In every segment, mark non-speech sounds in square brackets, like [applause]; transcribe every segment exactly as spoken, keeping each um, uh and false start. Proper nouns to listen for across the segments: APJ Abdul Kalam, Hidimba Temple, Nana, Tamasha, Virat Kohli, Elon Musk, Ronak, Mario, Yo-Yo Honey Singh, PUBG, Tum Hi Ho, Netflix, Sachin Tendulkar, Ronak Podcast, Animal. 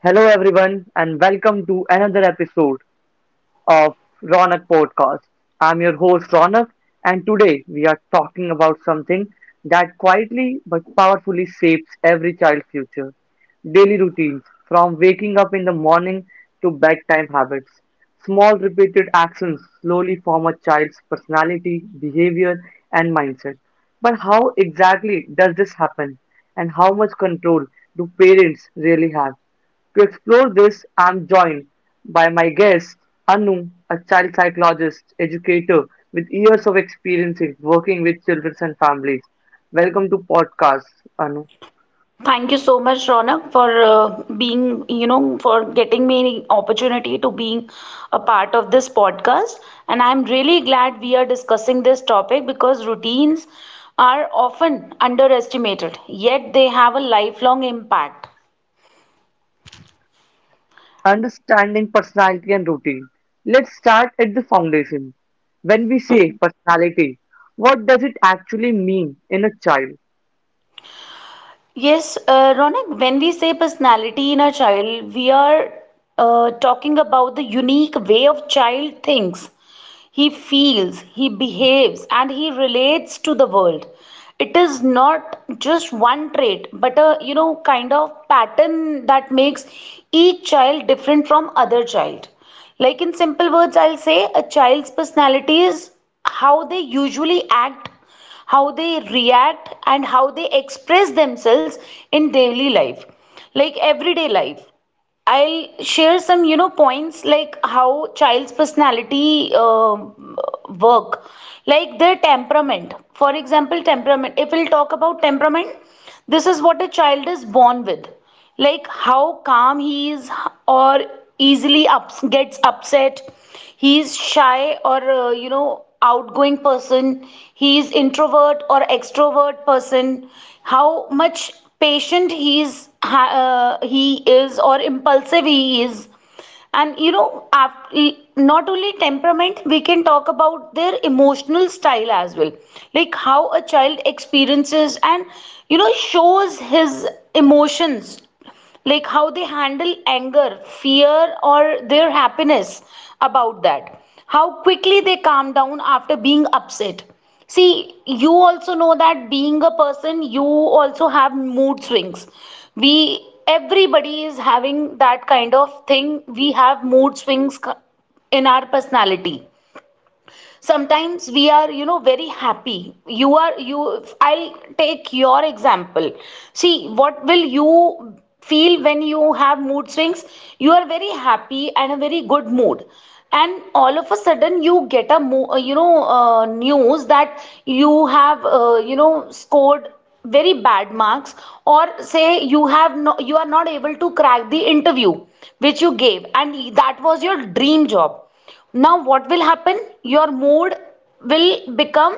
Hello, everyone, and welcome to another episode of Ronak Podcast. I'm your host, Ronak, and today we are talking about something that quietly but powerfully shapes every child's future daily routines, from waking up in the morning to bedtime habits. Small, repeated actions slowly form a child's personality, behavior, and mindset. But how exactly does this happen, and how much control do parents really have? To explore this I am joined by my guest Anu, a child psychologist educator with years of experience in working with children and families. Welcome to podcast Anu. Thank you so much, Ronak, for uh, being, you know, for getting me an opportunity to being a part of this podcast. And I'm really glad we are discussing this topic because routines are often underestimated, yet they have a lifelong impact. Understanding personality and routine. Let's start at the foundation. When we say Mhm. personality, what does it actually mean in a child? Yes, uh, Ronak, when we say personality in a child, we are uh, talking about the unique way of child thinks, he feels, he behaves, and he relates to the world. It is not just one trait, but a you know kind of pattern that makes each child different from other child. Like in simple words, I'll say a child's personality is how they usually act, how they react, and how they express themselves in daily life, like everyday life. I'll share some, you know, points like how child's personality um work, like their temperament. For example, temperament. If we'll talk about temperament, this is what a child is born with, like how calm he is, or easily ups, gets upset. He's shy or uh, you know outgoing person, he is introvert or extrovert person, how much patient he is ha- uh, he is or impulsive he is. And you know after, not only temperament, we can talk about their emotional style as well, like how a child experiences and you know shows his emotions, like how they handle anger, fear, or their happiness about that. How quickly they calm down after being upset. See, you also know that being a person, you also have mood swings. We, everybody is having that kind of thing. We have mood swings in our personality. Sometimes we are you know very happy. You are you I'll take your example. See, what will you feel when you have mood swings? You are very happy and a very good mood, and all of a sudden you get a mo- uh, you know uh, news that you have uh, you know scored very bad marks. Or say you have no, you are not able to crack the interview which you gave, and that was your dream job. Now what will happen? Your mood will become.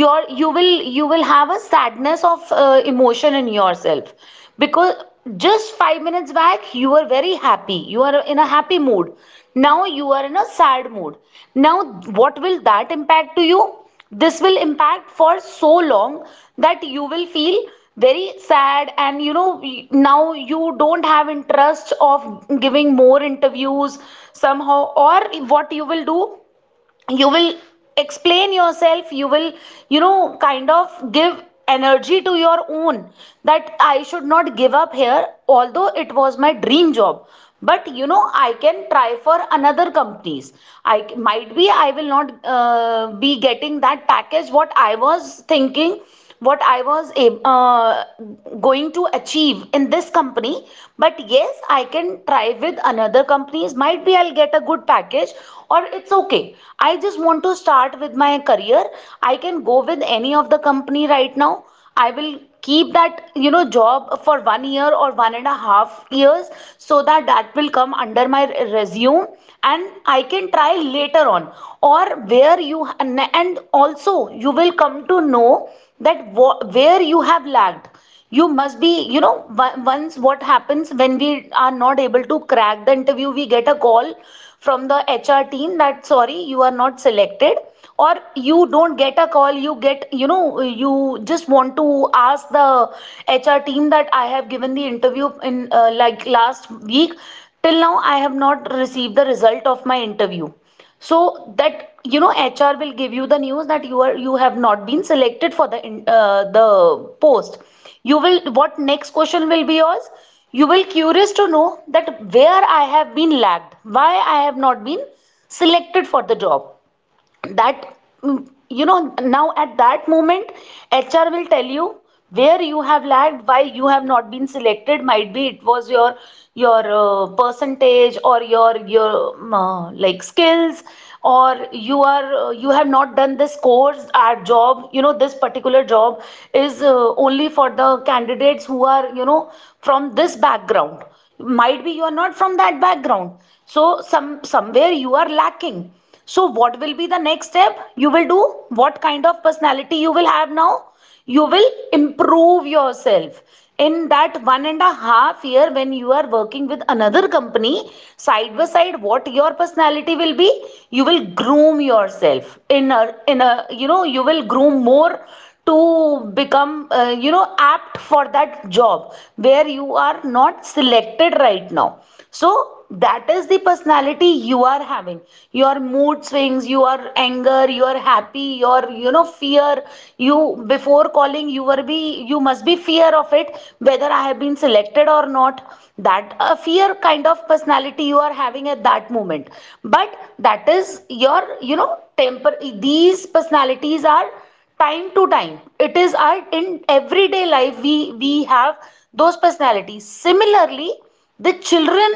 Your you will you will have a sadness of uh, emotion in yourself, because just five minutes back you were very happy, you are in a happy mood. Now you are in a sad mood. Now, what will that impact to you? This will impact for so long that you will feel very sad. And you know now you don't have interest of giving more interviews, somehow. Or what you will do? You will explain yourself. You will you know kind of give energy to your own, that I should not give up here, although it was my dream job. But you know I can try for another companies. I might be I will not uh, be getting that package what I was thinking, what I was ab- uh, going to achieve in this company. But yes, I can try with another companies. Might be I'll get a good package, or it's okay. I just want to start with my career. I can go with any of the company right now. I will keep that you know job for one year or one and a half years, so that that will come under my resume, and I can try later on. Or where you and also you will come to know that where you have lagged. You must be you know once. What happens when we are not able to crack the interview? We get a call from the HR team that sorry, you are not selected. Or you don't get a call. You get you know you just want to ask the HR team that I have given the interview in uh, like last week, till now I have not received the result of my interview. So that you know H R will give you the news that you are you have not been selected for the uh, the post. You will What next question will be yours? You will curious to know that where I have been lagged, why I have not been selected for the job. That, mm, you know now at that moment, HR will tell you where you have lagged, why you have not been selected. Might be it was your your uh, percentage, or your your um, uh, like skills. Or you are uh, you have not done this course our job, you know this particular job is uh, only for the candidates who are you know from this background. Might be you are not from that background, so some somewhere you are lacking. So what will be the next step you will do? What kind of personality you will have now? You will improve yourself in that one and a half year when you are working with another company side by side. What your personality will be? You will groom yourself in a in a you know, you will groom more to become uh, you know apt for that job where you are not selected right now. So that is the personality you are having. Your mood swings, your anger, your happy, your you know fear. You Before calling, you were be you must be fear of it, whether I have been selected or not. That a uh, fear kind of personality you are having at that moment. But that is your you know temper. These personalities are time to time. It is our, in everyday life, we we have those personalities. Similarly, the children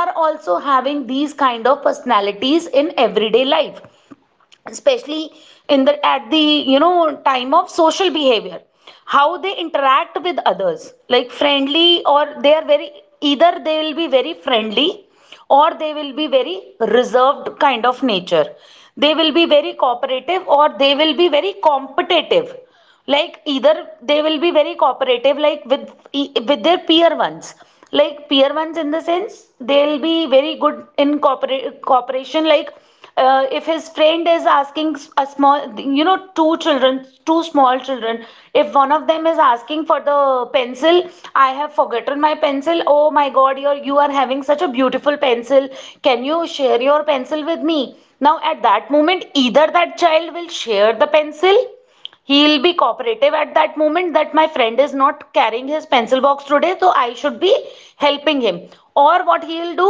are also having these kind of personalities in everyday life, especially in the at the you know time of social behavior. How they interact with others, like friendly, or they are very either they will be very friendly, or they will be very reserved kind of nature. They will be very cooperative, or they will be very competitive. Like either they will be very cooperative, like with e- with their peer ones, like peer ones in the sense they'll be very good in cooperate, cooperation. Like, uh, if his friend is asking a small you know two children two small children, if one of them is asking for the pencil: I have forgotten my pencil. Oh my god, you're you are having such a beautiful pencil. Can you share your pencil with me? Now at that moment, either that child will share the pencil. He'll be cooperative at that moment, that my friend is not carrying his pencil box today, so I should be helping him. Or what he'll do,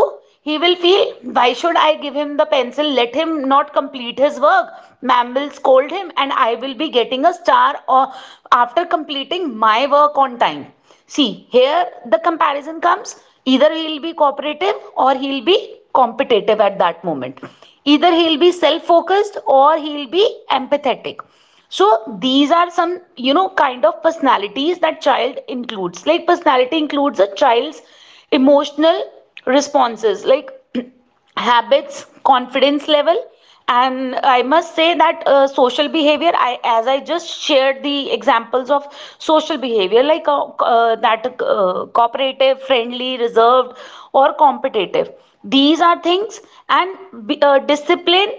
he will feel, why should I give him the pencil, let him not complete his work. Ma'am will scold him, and I will be getting a star or after completing my work on time. See, here the comparison comes, either he'll be cooperative or he'll be competitive at that moment. Either he'll be self focused, or he'll be empathetic. So these are some, you know, kind of personalities that child includes. Like personality includes a child's emotional responses. Like [clears throat] habits, confidence level, and I must say that uh, social behavior, I as I just shared the examples of social behavior, like uh, uh, that uh, cooperative, friendly, reserved, or competitive, these are things. And be- uh, discipline,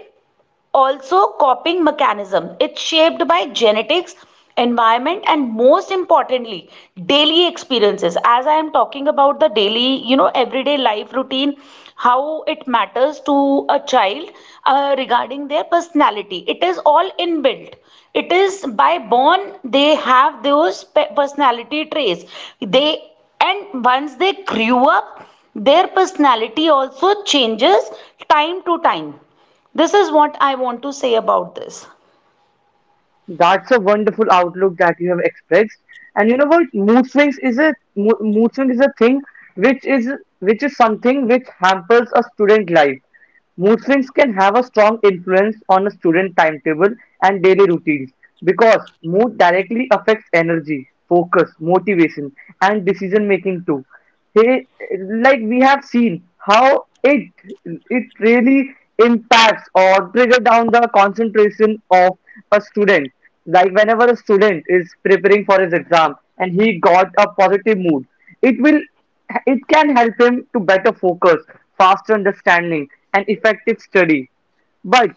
also coping mechanism. It's shaped by genetics, environment, and most importantly, daily experiences. As I am talking about the daily, you know, everyday life routine, how it matters to a child uh, regarding their personality. It is all inbuilt. It is by born they have those pe- personality traits. They And once they grew up, their personality also changes time to time. This is what I want to say about this. That's a wonderful outlook that you have expressed. And you know what? Mood swings is a mo- mood swing is a thing which is which is something which hampers a student life. Mood swings can have a strong influence on a student timetable and daily routines because mood directly affects energy, focus, motivation, and decision making too. He, like we have seen how it it really impacts or trigger down the concentration of a student. Like whenever a student is preparing for his exam and he got a positive mood, it will it can help him to better focus, faster understanding, and effective study. But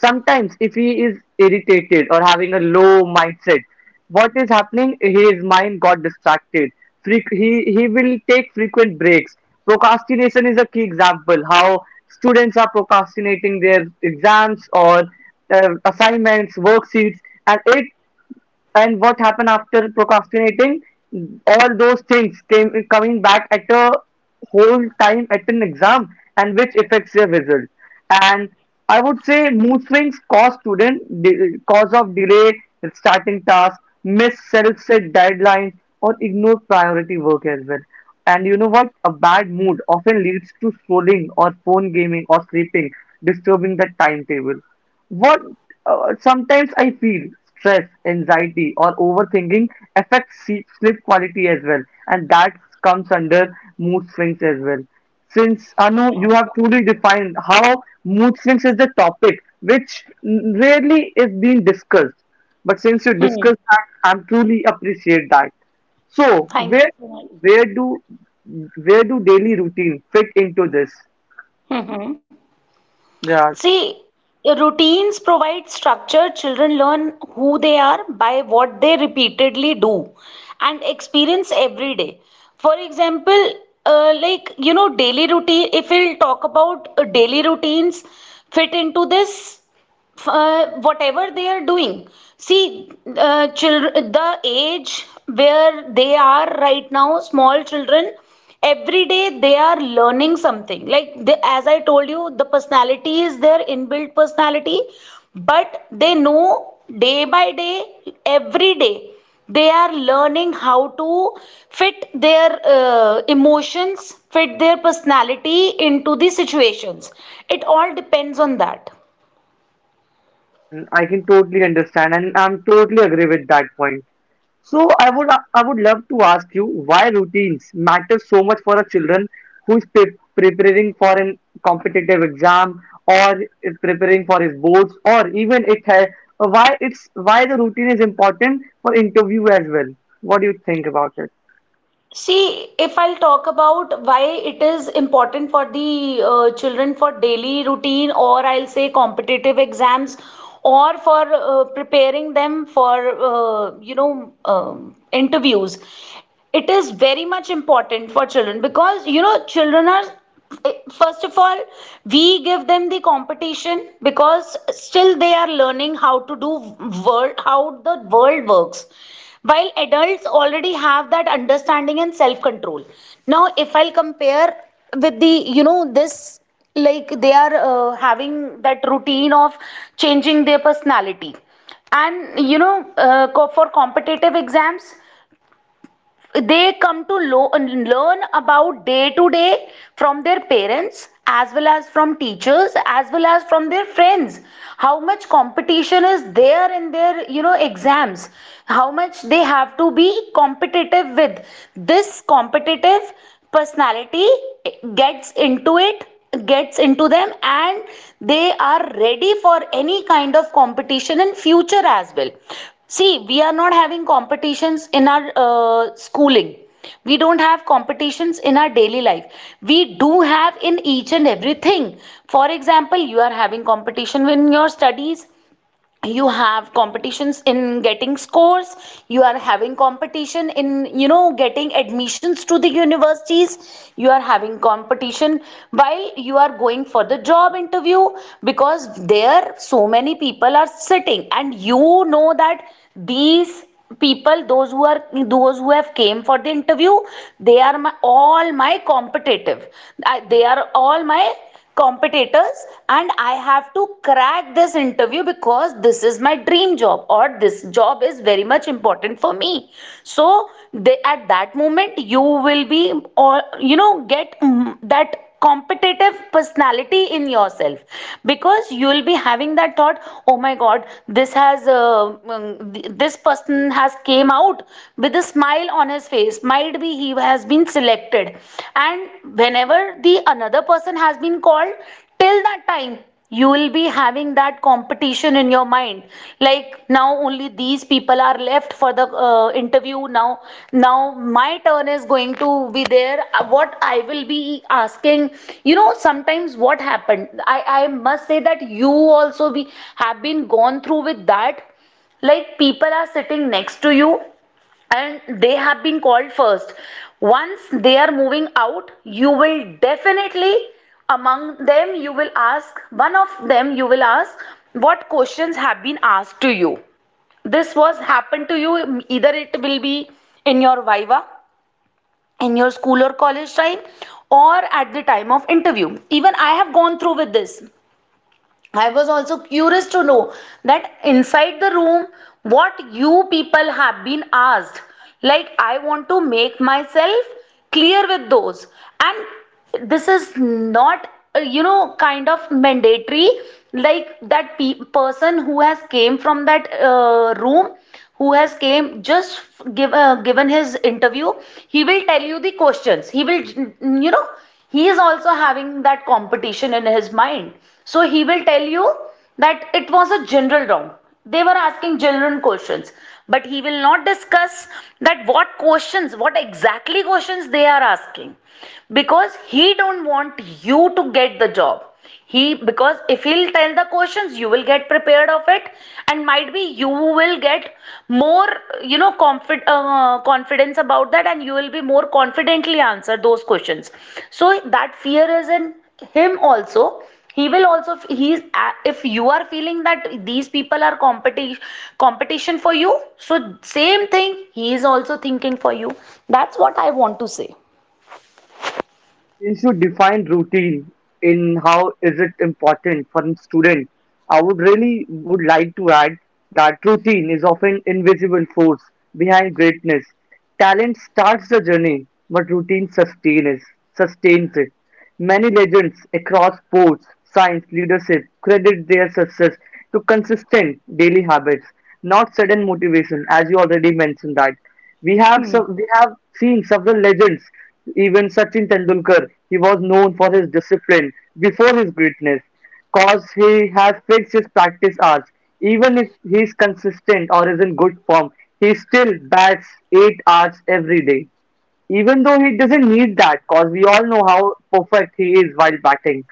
sometimes if he is irritated or having a low mindset, what is happening, his mind got distracted. Freq- he he will take frequent breaks. Procrastination is a key example how students are procrastinating their exams or uh, assignments, worksheets, and it, and what happened after procrastinating, all those things came coming back at a whole time at an exam, and which affects your result. And I would say mood swings cause student de- cause of delay in starting tasks, miss self-set deadlines, or ignore priority work as well. And you know what, a bad mood often leads to scrolling or phone gaming or sleeping, disturbing the timetable. What uh, Sometimes I feel stress, anxiety, or overthinking affects sleep, sleep quality as well, and that comes under mood swings as well. Since Anu, Yeah. you have truly defined how mood swings is the topic which rarely is being discussed, but since you Hmm. discussed that, I'm truly appreciate that. So Thank you where so much. do where do where do daily routine fit into this? hmm Yeah. See, routines provide structure. Children learn who they are by what they repeatedly do and experience every day. For example, uh, like, you know, daily routine, if we'll talk about uh, daily routines, fit into this, uh, whatever they are doing. See, uh, children, the age where they are right now, small children, every day they are learning something. Like, they, as I told you, the personality is their inbuilt personality, but they know day by day, every day, they are learning how to fit their uh, emotions, fit their personality into the situations. It all depends on that. I can totally understand, and I'm totally agree with that point. So I would I would love to ask you why routines matter so much for a children who is pre- preparing for an competitive exam or is preparing for his boards or even it has why it's why the routine is important for interview as well. What do you think about it? See, if I'll talk about why it is important for the uh, children for daily routine, or I'll say competitive exams, or for uh, preparing them for, uh, you know, um, interviews, it is very much important for children because, you know, children are, eh, first of all, we give them the competition because still they are learning how to do world, how the world works, while adults already have that understanding and self control. Now if I'll compare with the, you know, this, like, they are uh, having that routine of changing their personality, and you know uh, co- for competitive exams, they come to lo- learn about day to day from their parents as well as from teachers as well as from their friends. How much competition is there in their, you know, exams, how much they have to be competitive with. This competitive personality gets into it, gets into them, and they are ready for any kind of competition in future as well. See, we are not having competitions in our uh, schooling. We don't have competitions in our daily life. We do have in each and everything. For example, you are having competition in your studies, you have competitions in getting scores, you are having competition in, you know, getting admissions to the universities, you are having competition while you are going for the job interview, because there so many people are sitting, and you know that these people, those who are, those who have came for the interview, they are my all my competitive, they are all my competitors, and I have to crack this interview because this is my dream job or this job is very much important for me. So they, at that moment you will be, or you know get mm, that competitive personality in yourself, because you will be having that thought, oh my god, this has uh, mm, this person has came out with a smile on his face, might be he has been selected neglected. And whenever the another person has been called, till that time you will be having that competition in your mind, like now only these people are left for the uh, interview. Now, now my turn is going to be there. Uh, what i will be asking, you know, sometimes what happened, i i must say that you also be have been gone through with that. Like, people are sitting next to you and they have been called first. Once they are moving out, you will definitely among them, you will ask one of them, you will ask what questions have been asked to you. This was happened to you, um, either it will be in your viva, in your school or college time, or at the time of interview. Even i have gone through with this. I was also curious to know that inside the room, what you people have been asked. Like, I want to make myself clear with those. And this is not, uh, you know, kind of mandatory. Like, that pe- person who has came from that uh, room, who has came just give, uh, given his interview, he will tell you the questions, he will, you know, he is also having that competition in his mind, so he will tell you that it was a general round, they were asking general questions, but he will not discuss that what questions, what exactly questions they are asking, because he don't want you to get the job. He, because if he'll tell the questions, you will get prepared of it, and might be you will get more, you know, confid, uh, confidence about that, and you will be more confidently answer those questions. So that fear is in him also. He will also he's uh, if you are feeling that these people are competition, competition for you, so same thing he is also thinking for you. That's what i want to say. Since you define routine in how is it important for a student, I would really would like to add that routine is often invisible force behind greatness. Talent starts the journey, but routine sustains sustains it. Many legends across sports science leadership credit their success to consistent daily habits, not sudden motivation, as you already mentioned that. We have Hmm. some, we have seen several legends, even Sachin Tendulkar, he was known for his discipline before his greatness, cause he has fixed his practice hours. Even if he is consistent or is in good form, he still bats eight hours every day. Even though he doesn't need that, because we all know how perfect he is while batting.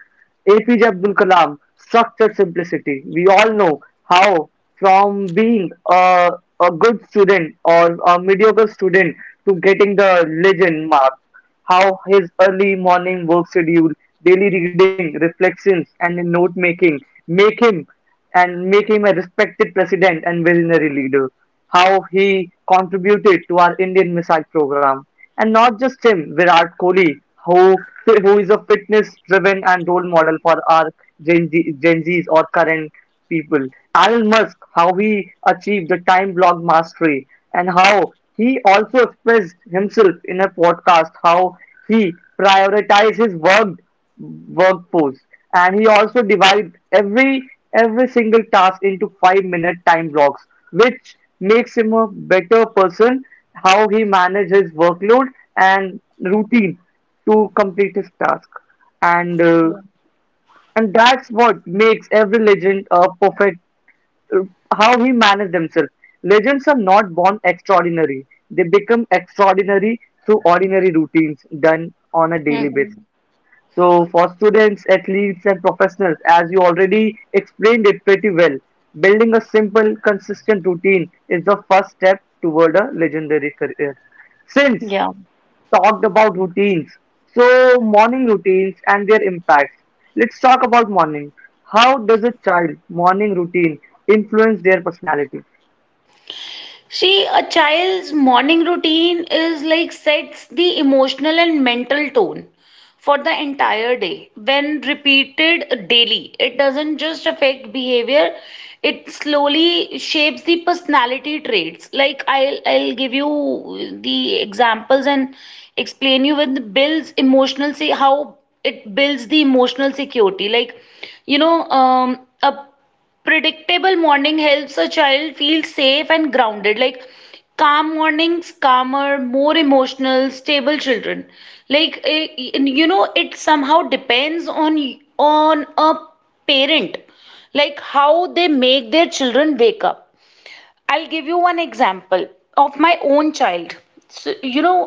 A P J Abdul Kalam, structured simplicity. We all know how, from being a, a good student or a mediocre student to getting the legend mark, how his early morning work schedule, daily reading, reflections, and note making make him and make him a respected president and visionary leader. How he contributed to our Indian missile program. And not just him, Virat Kohli, who, who is a fitness driven and role model for our Gen, Z, Gen Zs or current people. Elon Musk, how he achieved the time block mastery and how he also expressed himself in a podcast how he prioritized his work workforce, and he also divides every every single task into five minute time blocks, which makes him a better person, how he manages his workload and routine to complete his task. And uh, and that's what makes every legend a perfect uh, how he manages themselves. Legends are not born extraordinary, they become extraordinary through ordinary routines done on a daily. Mhm. So for students, athletes and professionals, as you already explained it pretty well, building a simple, consistent routine is the first step toward a legendary career. Since Yeah. talked about routines, so morning routines and their impacts. Let's talk about morning. How does a child morning routine influence their personality? See, a child's morning routine is like sets the emotional and mental tone for the entire day. When repeated daily, it doesn't just affect behavior, it slowly shapes the personality traits. Like I'll I'll give you the examples and explain you with builds emotional, see how it builds the emotional security. Like, you know, um, a predictable morning helps a child feel safe and grounded, like calm mornings calmer more emotional stable children. Like eh, you know it somehow depends on on a parent, like how they make their children wake up. I'll give you one example of my own child. So you know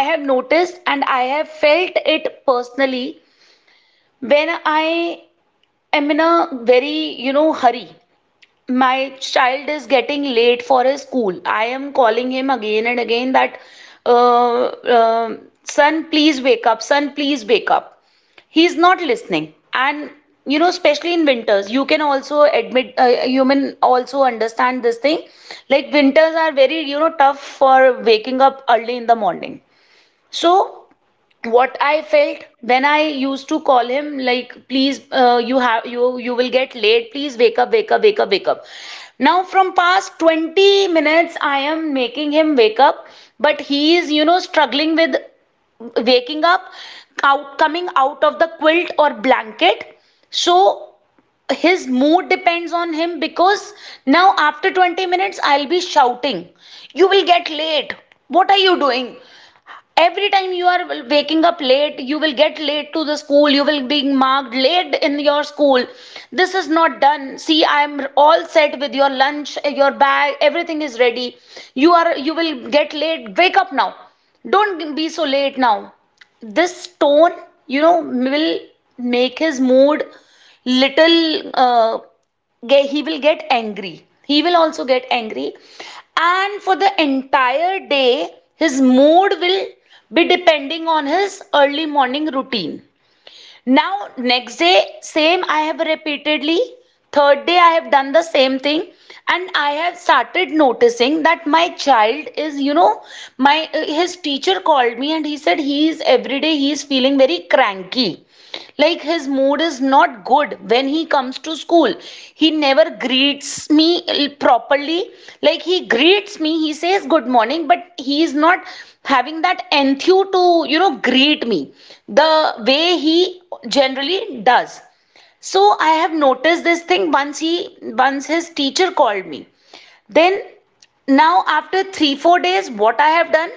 i have noticed and i have felt it personally, when i am in a very, you know, hurry, my child is getting late for his school. I am calling him again and again that, uh, uh, son, please wake up, son, please wake up. He's not listening. And you know, especially in winters, you can also admit, uh, human also understand this thing. Like winters are very, you know, tough for waking up early in the morning. So what I felt when I used to call him like please, uh, you have you you will get late, please wake up wake up wake up wake up. Now from past twenty minutes I am making him wake up, but he is, you know, struggling with waking up, out coming out of the quilt or blanket. So his mood depends on him, because now after twenty minutes I'll be shouting, you will get late, what are you doing, every time you are waking up late you will get late to the school, you will be marked late in your school. This is not done, see I am all set with your lunch, your bag, everything is ready. You are, you will get late, wake up now. Don't be so late now. This tone, you know, will make his mood little uh, ge- he will get angry. He will also get angry. And for the entire day, his mood will be depending on his early morning routine. Now next day same i have repeatedly third day i have done the same thing. And i have started noticing that my child is, you know, my uh, his teacher called me and he said he is every day he is feeling very cranky, like his mood is not good when he comes to school. He never greets me properly. Like he greets me, he says good morning, but he is not having that enthuse to, you know, greet me the way he generally does. So i have noticed this thing once he, once his teacher called me. Then now after 3 4 days what i have done,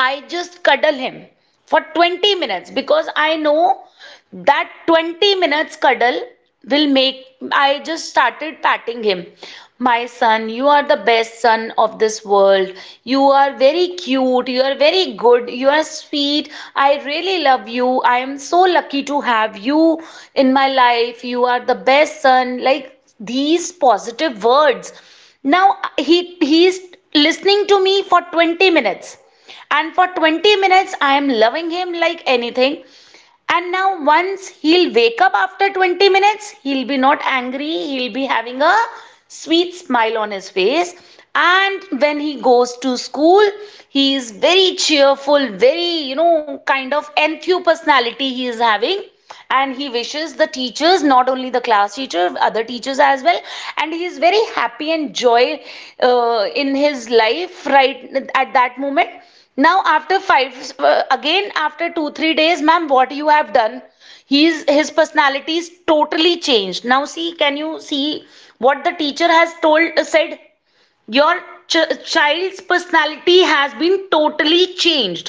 I just cuddle him for twenty minutes because I know that twenty minutes cuddle will make. I just started patting him. My son, you are the best son of this world. You are very cute. You are very good. You are sweet. I really love you. I am so lucky to have you in my life. You are the best son. Like these positive words. Now he he's listening to me for twenty minutes, and for twenty minutes, I am loving him like anything. And now, once he'll wake up after twenty minutes, he'll be not angry, he'll be having a sweet smile on his face. And when he goes to school, he is very cheerful, very, you know, kind of enthu personality he is having, and he wishes the teachers, not only the class teacher, other teachers as well, and he is very happy and joy uh, in his life right at that moment. Now after five, uh, again after two three days, ma'am, what you have done, he's, his personality is totally changed now. See, can you see what the teacher has told, uh, said, your ch- child's personality has been totally changed.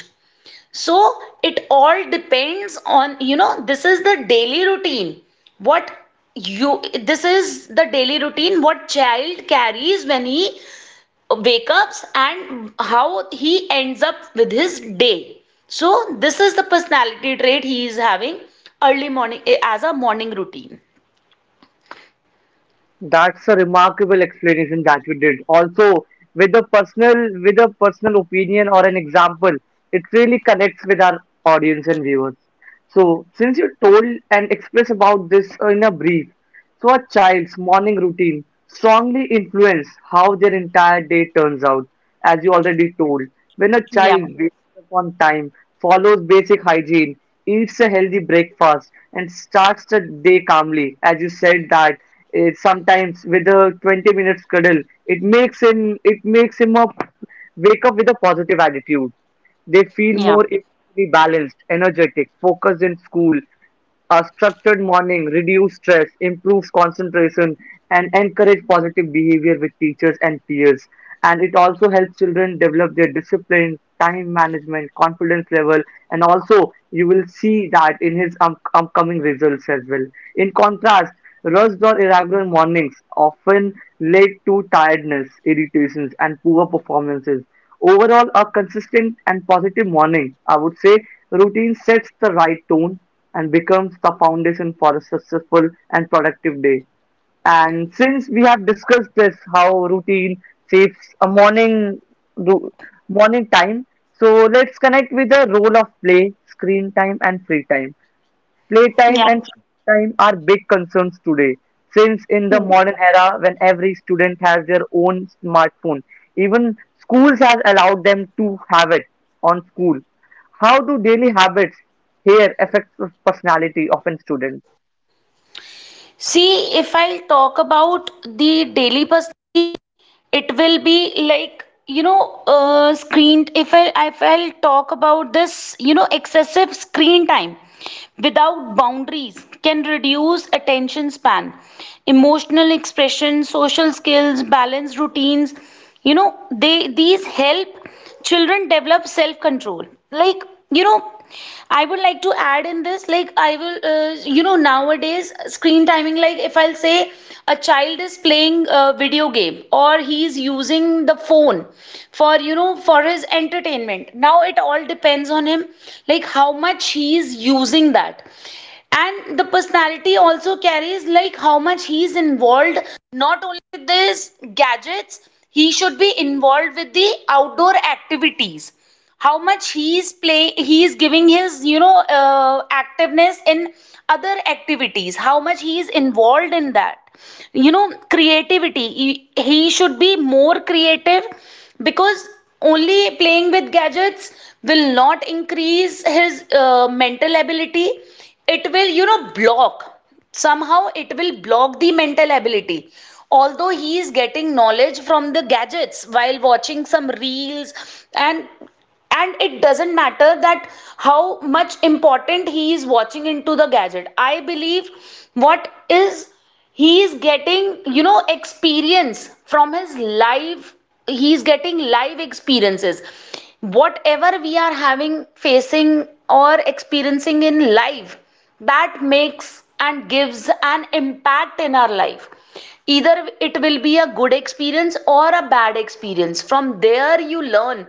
So it all depends on, you know, this is the daily routine. What you, this is the daily routine, what child carries when he wakes up and how he ends up with his day. So this is the personality trait he is having early morning, eh, as a morning routine. That's a remarkable explanation that you did. Also, with a personal with a personal opinion or an example, it really connects with our audience and viewers. So, since you told and expressed about this uh, in a brief, so a child's morning routine strongly influence how their entire day turns out as you already told. When a child Yeah, wakes up on time, follows basic hygiene, eats a healthy breakfast, and starts the day calmly, as you said that eh, sometimes with a twenty minute cuddle, it makes him it makes him up wake up with a positive attitude. They feel yeah, more emotionally balanced, energetic, focused in school. A structured morning reduces stress, improves concentration, and encourages positive behavior with teachers and peers. And it also helps children develop their discipline, time management, confidence level, and also you will see that in his um, upcoming results as well. In contrast, rushed or irregular mornings often lead to tiredness, irritations, and poor performances. Overall, a consistent and positive morning, I would say, routine sets the right tone and becomes the foundation for a successful and productive day. And since we have discussed this, how routine shapes a morning ru- morning time, so let's connect with the role of play, screen time, and free time. yeah. Playtime and screen time are big concerns today, since in the True. modern era, when every student has their own smartphone, even schools has allowed them to have it on school. How do daily habits here affect the personality of a student? See, if I talk about the daily personality, it will be like you know uh, screen if I, if I'll talk about this, you know, excessive screen time without boundaries can reduce attention span, emotional expression, social skills. Balanced routines, you know, they these help children develop self control. Like, you know, I would like to add in this, like, I will, uh, you know, nowadays, screen timing, like, if I'll say a child is playing a video game or he's using the phone for, you know, for his entertainment. Now it all depends on him, like how much he is using that. And the personality also carries, like how much he's involved, not only with these gadgets, he should be involved with the outdoor activities, how much he is play he is giving his, you know, uh, activeness in other activities, how much he is involved in that, you know, creativity, he he should be more creative. Because only playing with gadgets will not increase his uh, mental ability. It will, you know, block somehow it will block the mental ability, although he is getting knowledge from the gadgets while watching some reels. and and it doesn't matter that how much important he is watching into the gadget, I believe. What is he is getting, you know, experience from his life. He is getting live experiences, whatever we are having, facing or experiencing in life, that makes and gives an impact in our life. Either it will be a good experience or a bad experience, from there you learn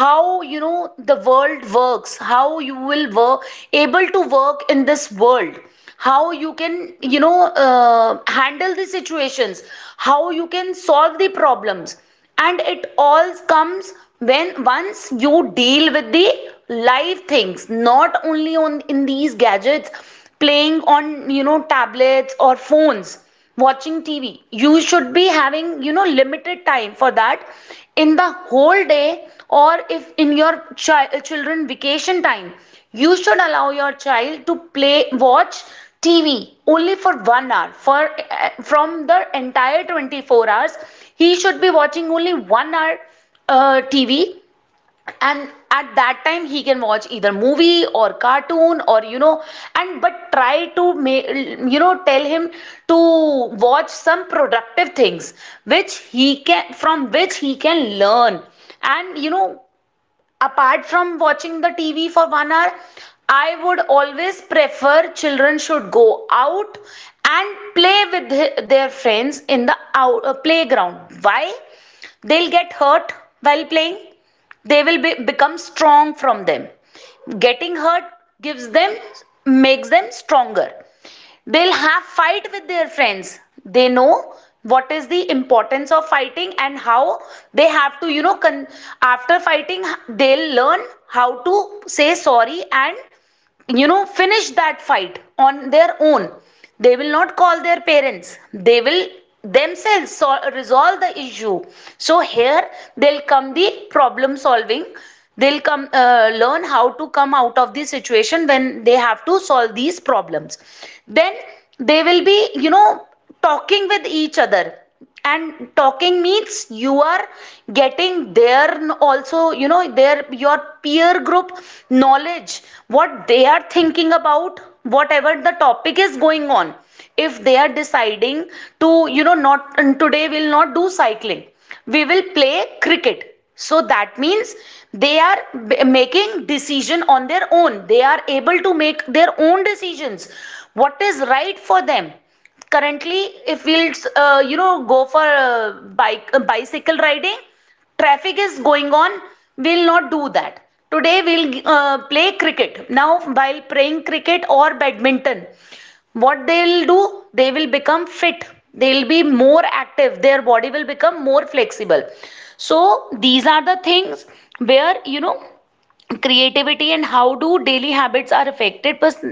how, you know the world works, how you will work, able to work in this world, how you can, you know uh, handle the situations, how you can solve the problems. And it all comes when once you deal with the live things, not only on in these gadgets, playing on, you know tablets or phones, watching T V. You should be having, you know, limited time for that in the whole day, or if in your child children vacation time. You should allow your child to play watch T V only for one hour for uh, from the entire twenty-four hours. He should be watching only one hour uh, T V, and at that time he can watch either movie or cartoon, or you know and but try to ma- you know tell him to watch some productive things which he can, from which he can learn. And you know apart from watching the T V for one hour, I would always prefer children should go out and play with their friends in the out, uh, playground. Why? They'll get hurt while playing. They will be, become strong from them. Getting hurt gives them, makes them stronger. They'll have fight with their friends, they know what is the importance of fighting, and how they have to, you know con- after fighting, they'll learn how to say sorry and, you know finish that fight on their own. They will not call their parents, they will themselves sol- resolve the issue. So here they'll come the problem solving, they'll come uh, learn how to come out of the situation when they have to solve these problems. Then they will be, you know talking with each other. And talking means you are getting their, also, you know their, your peer group knowledge, what they are thinking about, whatever the topic is going on. If they are deciding to, you know not and today we will not do cycling, we will play cricket. So that means they are making decision on their own, they are able to make their own decisions, what is right for them currently. If we'll, uh, you know go for uh, bike, uh, bicycle riding, traffic is going on, we'll not do that. Today we'll uh, play cricket. Now while playing cricket or badminton, what they'll do, they will become fit, they'll be more active, their body will become more flexible. So these are the things where, you know creativity and how do daily habits are affected pers-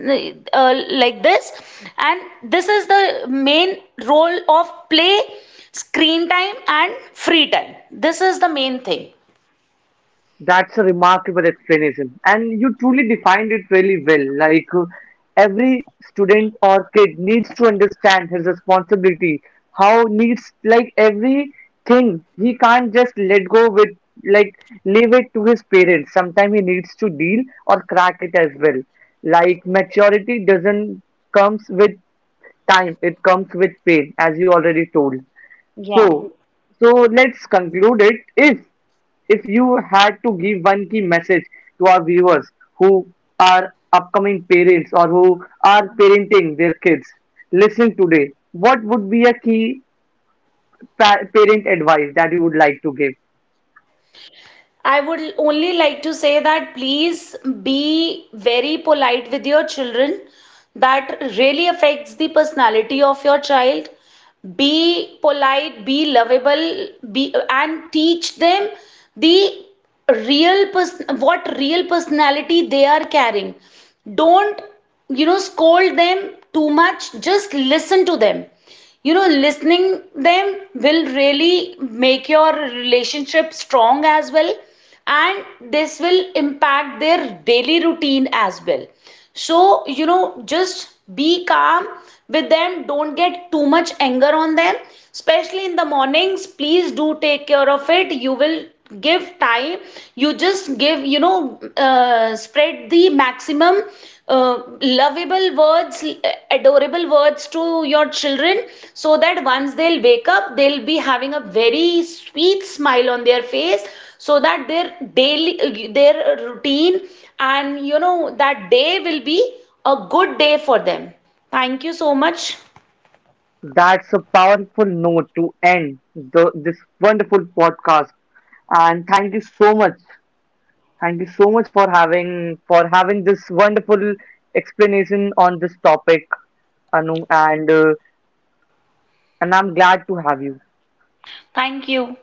uh, like this. And this is the main role of play, screen time and free time, this is the main thing. That's a remarkable explanation, and you truly defined it really well. Like uh, every student or kid needs to understand his responsibility, how needs like everything he can't just let go with, like leave it to his parents. Sometimes he needs to deal or crack it as well. Like maturity doesn't comes with time; it comes with pain, as you already told. Yeah, So, so let's conclude it. If if you had to give one key message to our viewers who are upcoming parents or who are parenting their kids listening today, what would be a key pa- parent advice that you would like to give? I would only like to say that please be very polite with your children. That really affects the personality of your child. Be polite, be lovable, be and teach them the real person, what real personality they are carrying. Don't, you know, scold them too much. Just listen to them. You know, listening them will really make your relationship strong as well, and this will impact their daily routine as well. So, you know, just be calm with them. Don't get too much anger on them, especially in the mornings. Please do take care of it. You will give time. You just give, you know, uh, spread the maximum uh, lovable words, adorable words to your children, so that once they'll wake up, they'll be having a very sweet smile on their face, so that their daily, their routine, and you know, that day will be a good day for them. Thank you so much. That's a powerful note to end the, this wonderful podcast. And thank you so much, thank you so much for having for having this wonderful explanation on this topic, Anu, and uh, and I'm glad to have you. Thank you.